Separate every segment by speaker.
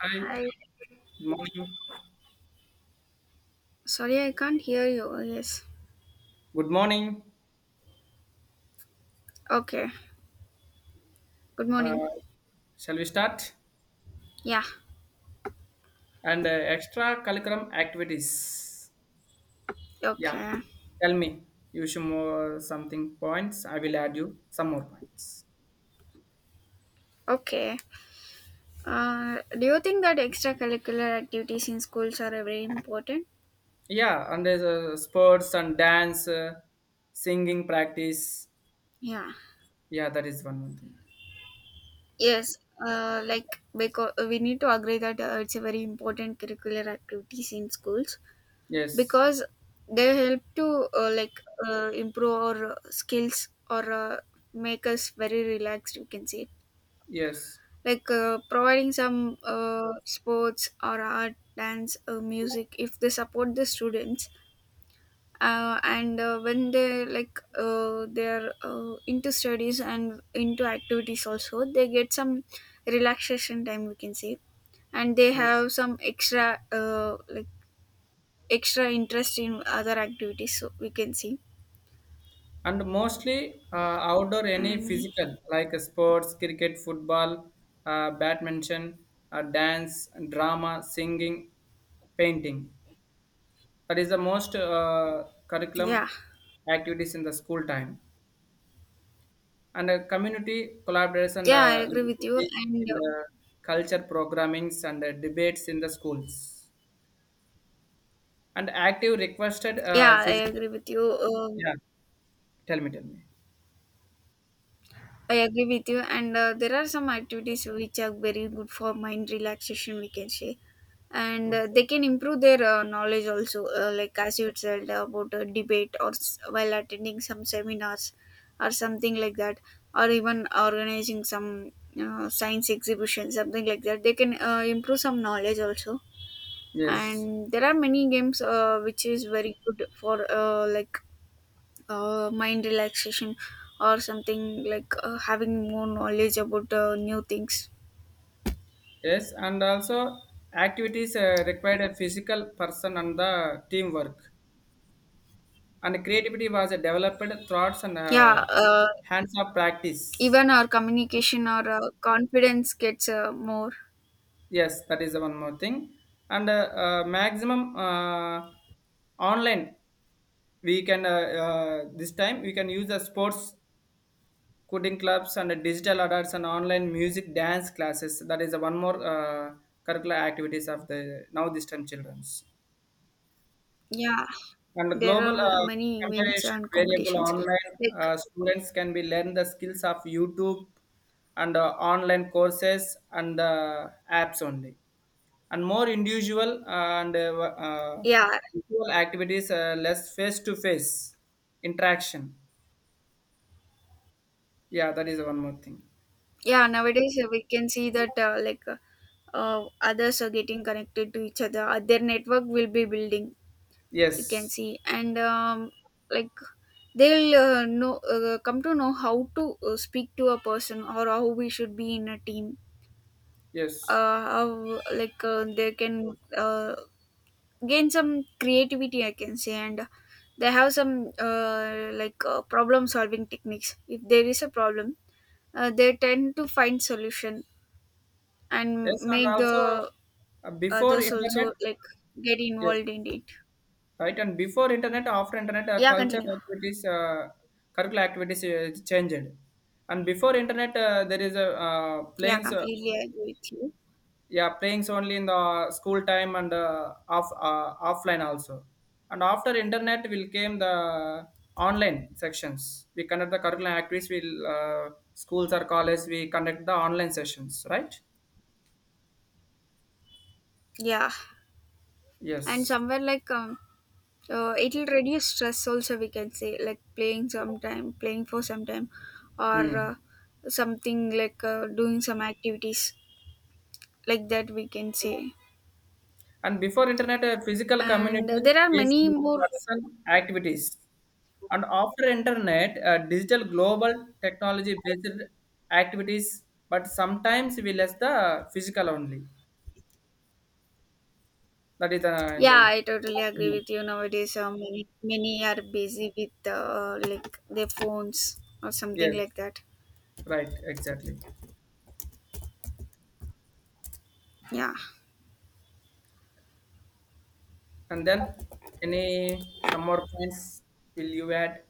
Speaker 1: Hi,
Speaker 2: Hi.
Speaker 1: good morning.
Speaker 2: Sorry, I can't hear you. Yes.
Speaker 1: Good morning.
Speaker 2: Okay. Good morning.
Speaker 1: Uh, Shall we start?
Speaker 2: Yeah.
Speaker 1: And extra curriculum activities. Yeah,
Speaker 2: Okay.
Speaker 1: tell me. You should more something points. I will add you some more points.
Speaker 2: Okay. Do you think that extracurricular activities in schools are very important?
Speaker 1: Yeah, and there's sports and dance, singing practice.
Speaker 2: Yeah.
Speaker 1: Yeah, that is one more thing.
Speaker 2: Yes. Like, because we need to agree that it's a very important curricular activities in schools
Speaker 1: Yes,
Speaker 2: because they help to, like, improve our skills, or make us very relaxed. You can say,
Speaker 1: yes,
Speaker 2: like, providing some sports or art dance, music, if they support the students, and when they, like, they're into studies and into activities, also they get some relaxation time, we can say. And they
Speaker 1: yes.
Speaker 2: have some extra, like, extra interest in other activities, so we can see.
Speaker 1: And mostly outdoor any
Speaker 2: And,
Speaker 1: physical like sports cricket football badminton dance drama singing painting, that is the most curriculum
Speaker 2: yeah,
Speaker 1: activities in the school time, and community collaboration
Speaker 2: yeah, I agree with you. And,
Speaker 1: in the culture programmings and the debates in the schools and active requested
Speaker 2: yeah, I
Speaker 1: physical.
Speaker 2: agree with you.
Speaker 1: Yeah, tell me, tell me.
Speaker 2: I agree with you, and there are some activities which are very good for mind relaxation, we can say, and
Speaker 1: Okay.
Speaker 2: they can improve their knowledge also. Like, as you said about a debate, or while attending some seminars or something like that, or even organizing some science exhibition, something like that. They can improve some knowledge also,
Speaker 1: Yes.
Speaker 2: and there are many games, which is very good for, like, mind relaxation, or something like, having more knowledge about new things.
Speaker 1: Yes, and also activities required a physical person and the teamwork. And creativity was developed thoughts and
Speaker 2: Yeah,
Speaker 1: hands-on practice.
Speaker 2: even our communication or confidence gets more.
Speaker 1: Yes, that is the one more thing. And maximum online, we can this time we can use the sports coding clubs and the digital adults and online music dance classes. That is the one more curricular activities of the now this time childrens.
Speaker 2: Yeah,
Speaker 1: And the
Speaker 2: there
Speaker 1: global
Speaker 2: are many events
Speaker 1: comparison
Speaker 2: and
Speaker 1: variable
Speaker 2: competitions,
Speaker 1: online,
Speaker 2: like.
Speaker 1: students can be learn the skills of YouTube and online courses and apps only, and more individual and
Speaker 2: Yeah.
Speaker 1: individual activities, less face to face interaction. Yeah, that is one more thing.
Speaker 2: Yeah, nowadays we can see that, like, others are getting connected to each other. Their network will be building, you can
Speaker 1: Yes,
Speaker 2: see. And, like, they'll know come to know how to speak to a person, or how we should be in a team.
Speaker 1: yes,
Speaker 2: How, like, they can gain some creativity, I can say, and they have some, like, problem solving techniques. If there is a problem, they tend to find solution and
Speaker 1: yes, and
Speaker 2: make
Speaker 1: also
Speaker 2: the
Speaker 1: before
Speaker 2: others
Speaker 1: internet.
Speaker 2: also, like, get
Speaker 1: Yes.
Speaker 2: involved in it.
Speaker 1: Right, and before internet, after internet,
Speaker 2: Yeah,
Speaker 1: culture
Speaker 2: continue.
Speaker 1: activities, curricular activities changed. And before internet, there is a
Speaker 2: Yeah,
Speaker 1: playing, so
Speaker 2: completely agree with you.
Speaker 1: yeah, playings only in the school time and offline also. And after internet, will came the online sections. We conduct the curricular activities. We Schools or college, we conduct the online sessions. Right?
Speaker 2: Yeah. And
Speaker 1: Yes.
Speaker 2: somewhere, like, it will reduce stress also, we can say, like playing sometime, playing for some time, or
Speaker 1: Hmm.
Speaker 2: something like doing some activities like that, we can say.
Speaker 1: And before internet, a physical
Speaker 2: And
Speaker 1: community
Speaker 2: there are
Speaker 1: based
Speaker 2: many
Speaker 1: on
Speaker 2: more.
Speaker 1: personal activities. And after internet, a digital global technology based activities, but sometimes we less the physical only. That is the, in
Speaker 2: Yeah,
Speaker 1: the.
Speaker 2: I totally agree
Speaker 1: Mm.
Speaker 2: with you. Nowadays many are busy with, like, their phones or something
Speaker 1: Yes,
Speaker 2: like that.
Speaker 1: right, exactly.
Speaker 2: Yeah.
Speaker 1: And then any some more points will you add?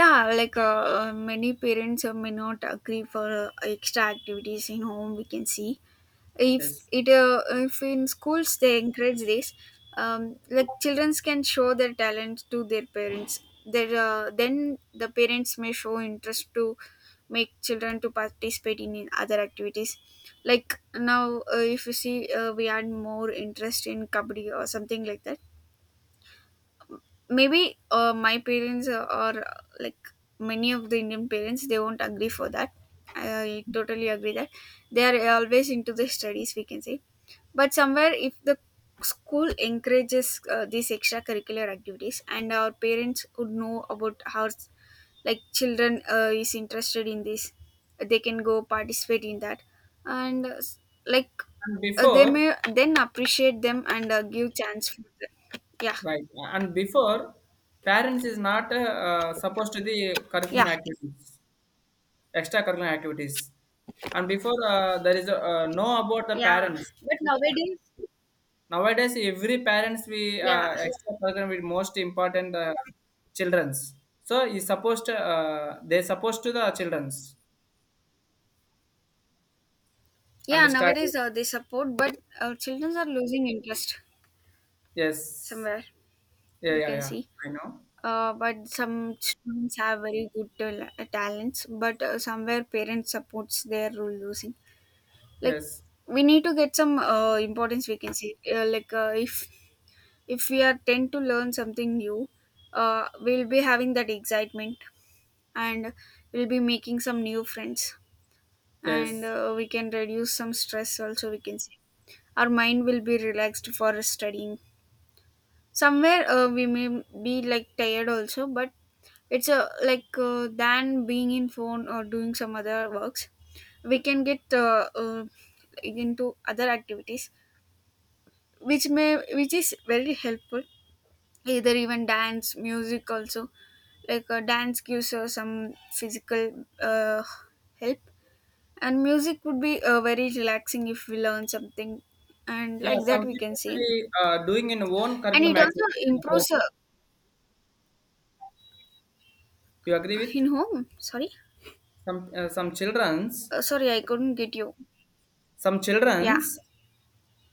Speaker 2: Yeah, like, many parents may not agree for extra activities in home, we can see. if
Speaker 1: Yes.
Speaker 2: it uh, if in schools they encourage this, like, children can show their talent to their parents. Then the parents may show interest to make children to participate in other activities. Like, now, if you see, we had more interest in kabaddi or something like that. Maybe my parents, or, like, many of the Indian parents, they won't agree for that. I totally agree that they are always into the studies, we can say. But somewhere, if the school encourages these extracurricular activities, and our parents would know about how, like, children is interested in this, they can go participate in that, and, like,
Speaker 1: And
Speaker 2: they
Speaker 1: before,
Speaker 2: may then appreciate them and give chance for them. Yeah.
Speaker 1: right, and before parents is not supposed to the
Speaker 2: Yeah.
Speaker 1: curriculum activities, extracurricular activities. And before there is a, no about the
Speaker 2: Yeah,
Speaker 1: parents.
Speaker 2: but nowadays,
Speaker 1: Nowadays, every parents we
Speaker 2: yeah,
Speaker 1: extracurricular with most important childrens. So is supposed to, they supposed to the childrens
Speaker 2: yeah,
Speaker 1: understand.
Speaker 2: nowadays they support, but children are losing interest
Speaker 1: Yes.
Speaker 2: somewhere,
Speaker 1: Yeah.
Speaker 2: you
Speaker 1: Yeah.
Speaker 2: can
Speaker 1: Yeah.
Speaker 2: see.
Speaker 1: I know.
Speaker 2: But some students have very good talents but somewhere parents supports their rule losing, like,
Speaker 1: Yes.
Speaker 2: we need to get some importance, we can see. Like, if we are tend to learn something new, we'll be having that excitement, and we'll be making some new friends, and
Speaker 1: Yes.
Speaker 2: we can reduce some stress also, we can say. Our mind will be relaxed for studying. Somewhere, we may be like tired also, but it's a, like, than being in phone or doing some other works, we can get into other activities, which is very helpful. Either, even dance, music also, like, dance gives us some physical help, and music would be very relaxing if we learn something, and
Speaker 1: Yeah.
Speaker 2: like that,
Speaker 1: Some
Speaker 2: we can
Speaker 1: people
Speaker 2: see.
Speaker 1: we doing in own
Speaker 2: And
Speaker 1: curriculum
Speaker 2: it also
Speaker 1: activity in the home.
Speaker 2: improves,
Speaker 1: You agree
Speaker 2: in
Speaker 1: with
Speaker 2: home. Sorry.
Speaker 1: some childrens?
Speaker 2: Sorry, I couldn't get you.
Speaker 1: Some
Speaker 2: Yeah.
Speaker 1: childrens,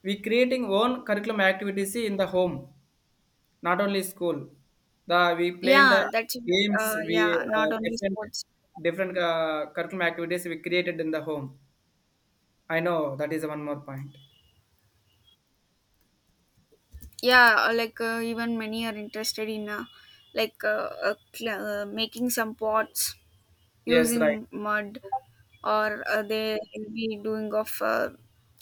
Speaker 1: we creating own curriculum activities in the home, not only school. The we play in the
Speaker 2: Yeah, that's it.
Speaker 1: games. We
Speaker 2: Yeah, not only
Speaker 1: Different
Speaker 2: sports.
Speaker 1: different curriculum activities we created in the home. I know that is one more point.
Speaker 2: Yeah, like, even many are interested in, like, making some pots
Speaker 1: Yes, right.
Speaker 2: using mud, or they'll be doing of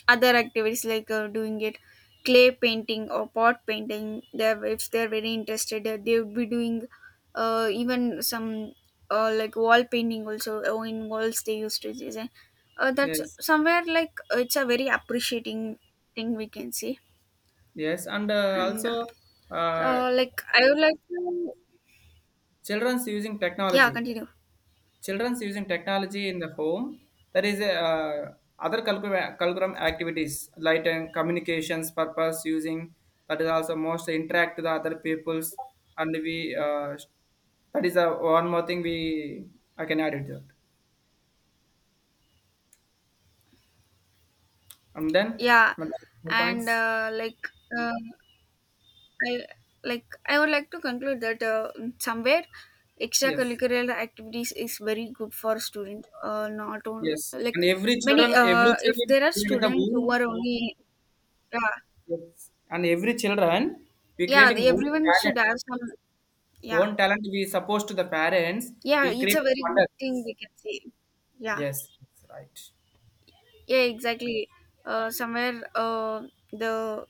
Speaker 2: other activities, like doing it, clay painting or pot painting. If they're very interested, they would be doing even some, like, wall painting also, in walls they used to design. That's
Speaker 1: Yes,
Speaker 2: somewhere, like, it's a very appreciating thing, we can see.
Speaker 1: yes, and
Speaker 2: And
Speaker 1: also uh,
Speaker 2: like, I would like to.
Speaker 1: children's using
Speaker 2: Yeah,
Speaker 1: technology.
Speaker 2: continue.
Speaker 1: Children's using technology in the home. There is a, other curriculum activities like communications purpose using, that is also most interact with the other peoples and we that is a one more thing we, I can add it to that. And then
Speaker 2: Yeah.
Speaker 1: another more
Speaker 2: And
Speaker 1: points.
Speaker 2: like, uh, I I would like to conclude that somewhere
Speaker 1: Yes,
Speaker 2: extracurricular activities is very good for student. Not only
Speaker 1: yes, and
Speaker 2: like
Speaker 1: every children
Speaker 2: many,
Speaker 1: every
Speaker 2: if
Speaker 1: children
Speaker 2: there
Speaker 1: we
Speaker 2: are
Speaker 1: create the
Speaker 2: students who
Speaker 1: own.
Speaker 2: are only, yeah.
Speaker 1: Yes, and every children we
Speaker 2: Yeah,
Speaker 1: creating own
Speaker 2: everyone should
Speaker 1: talent,
Speaker 2: have some. Yeah.
Speaker 1: own talent we supposed to the parents,
Speaker 2: Yeah,
Speaker 1: will
Speaker 2: it's a
Speaker 1: create
Speaker 2: very good thing,
Speaker 1: wonders.
Speaker 2: we can say. Yeah.
Speaker 1: Yes, that's right.
Speaker 2: Yeah, exactly. Somewhere the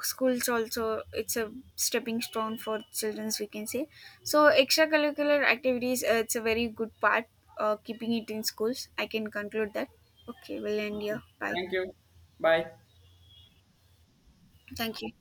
Speaker 2: schools also, it's a stepping stone for childrens, we can say. So extracurricular activities, it's a very good part. Keeping it in schools, I can conclude that. Okay, we'll end here.
Speaker 1: Okay.
Speaker 2: Bye.
Speaker 1: Thank you. Bye.
Speaker 2: Thank you.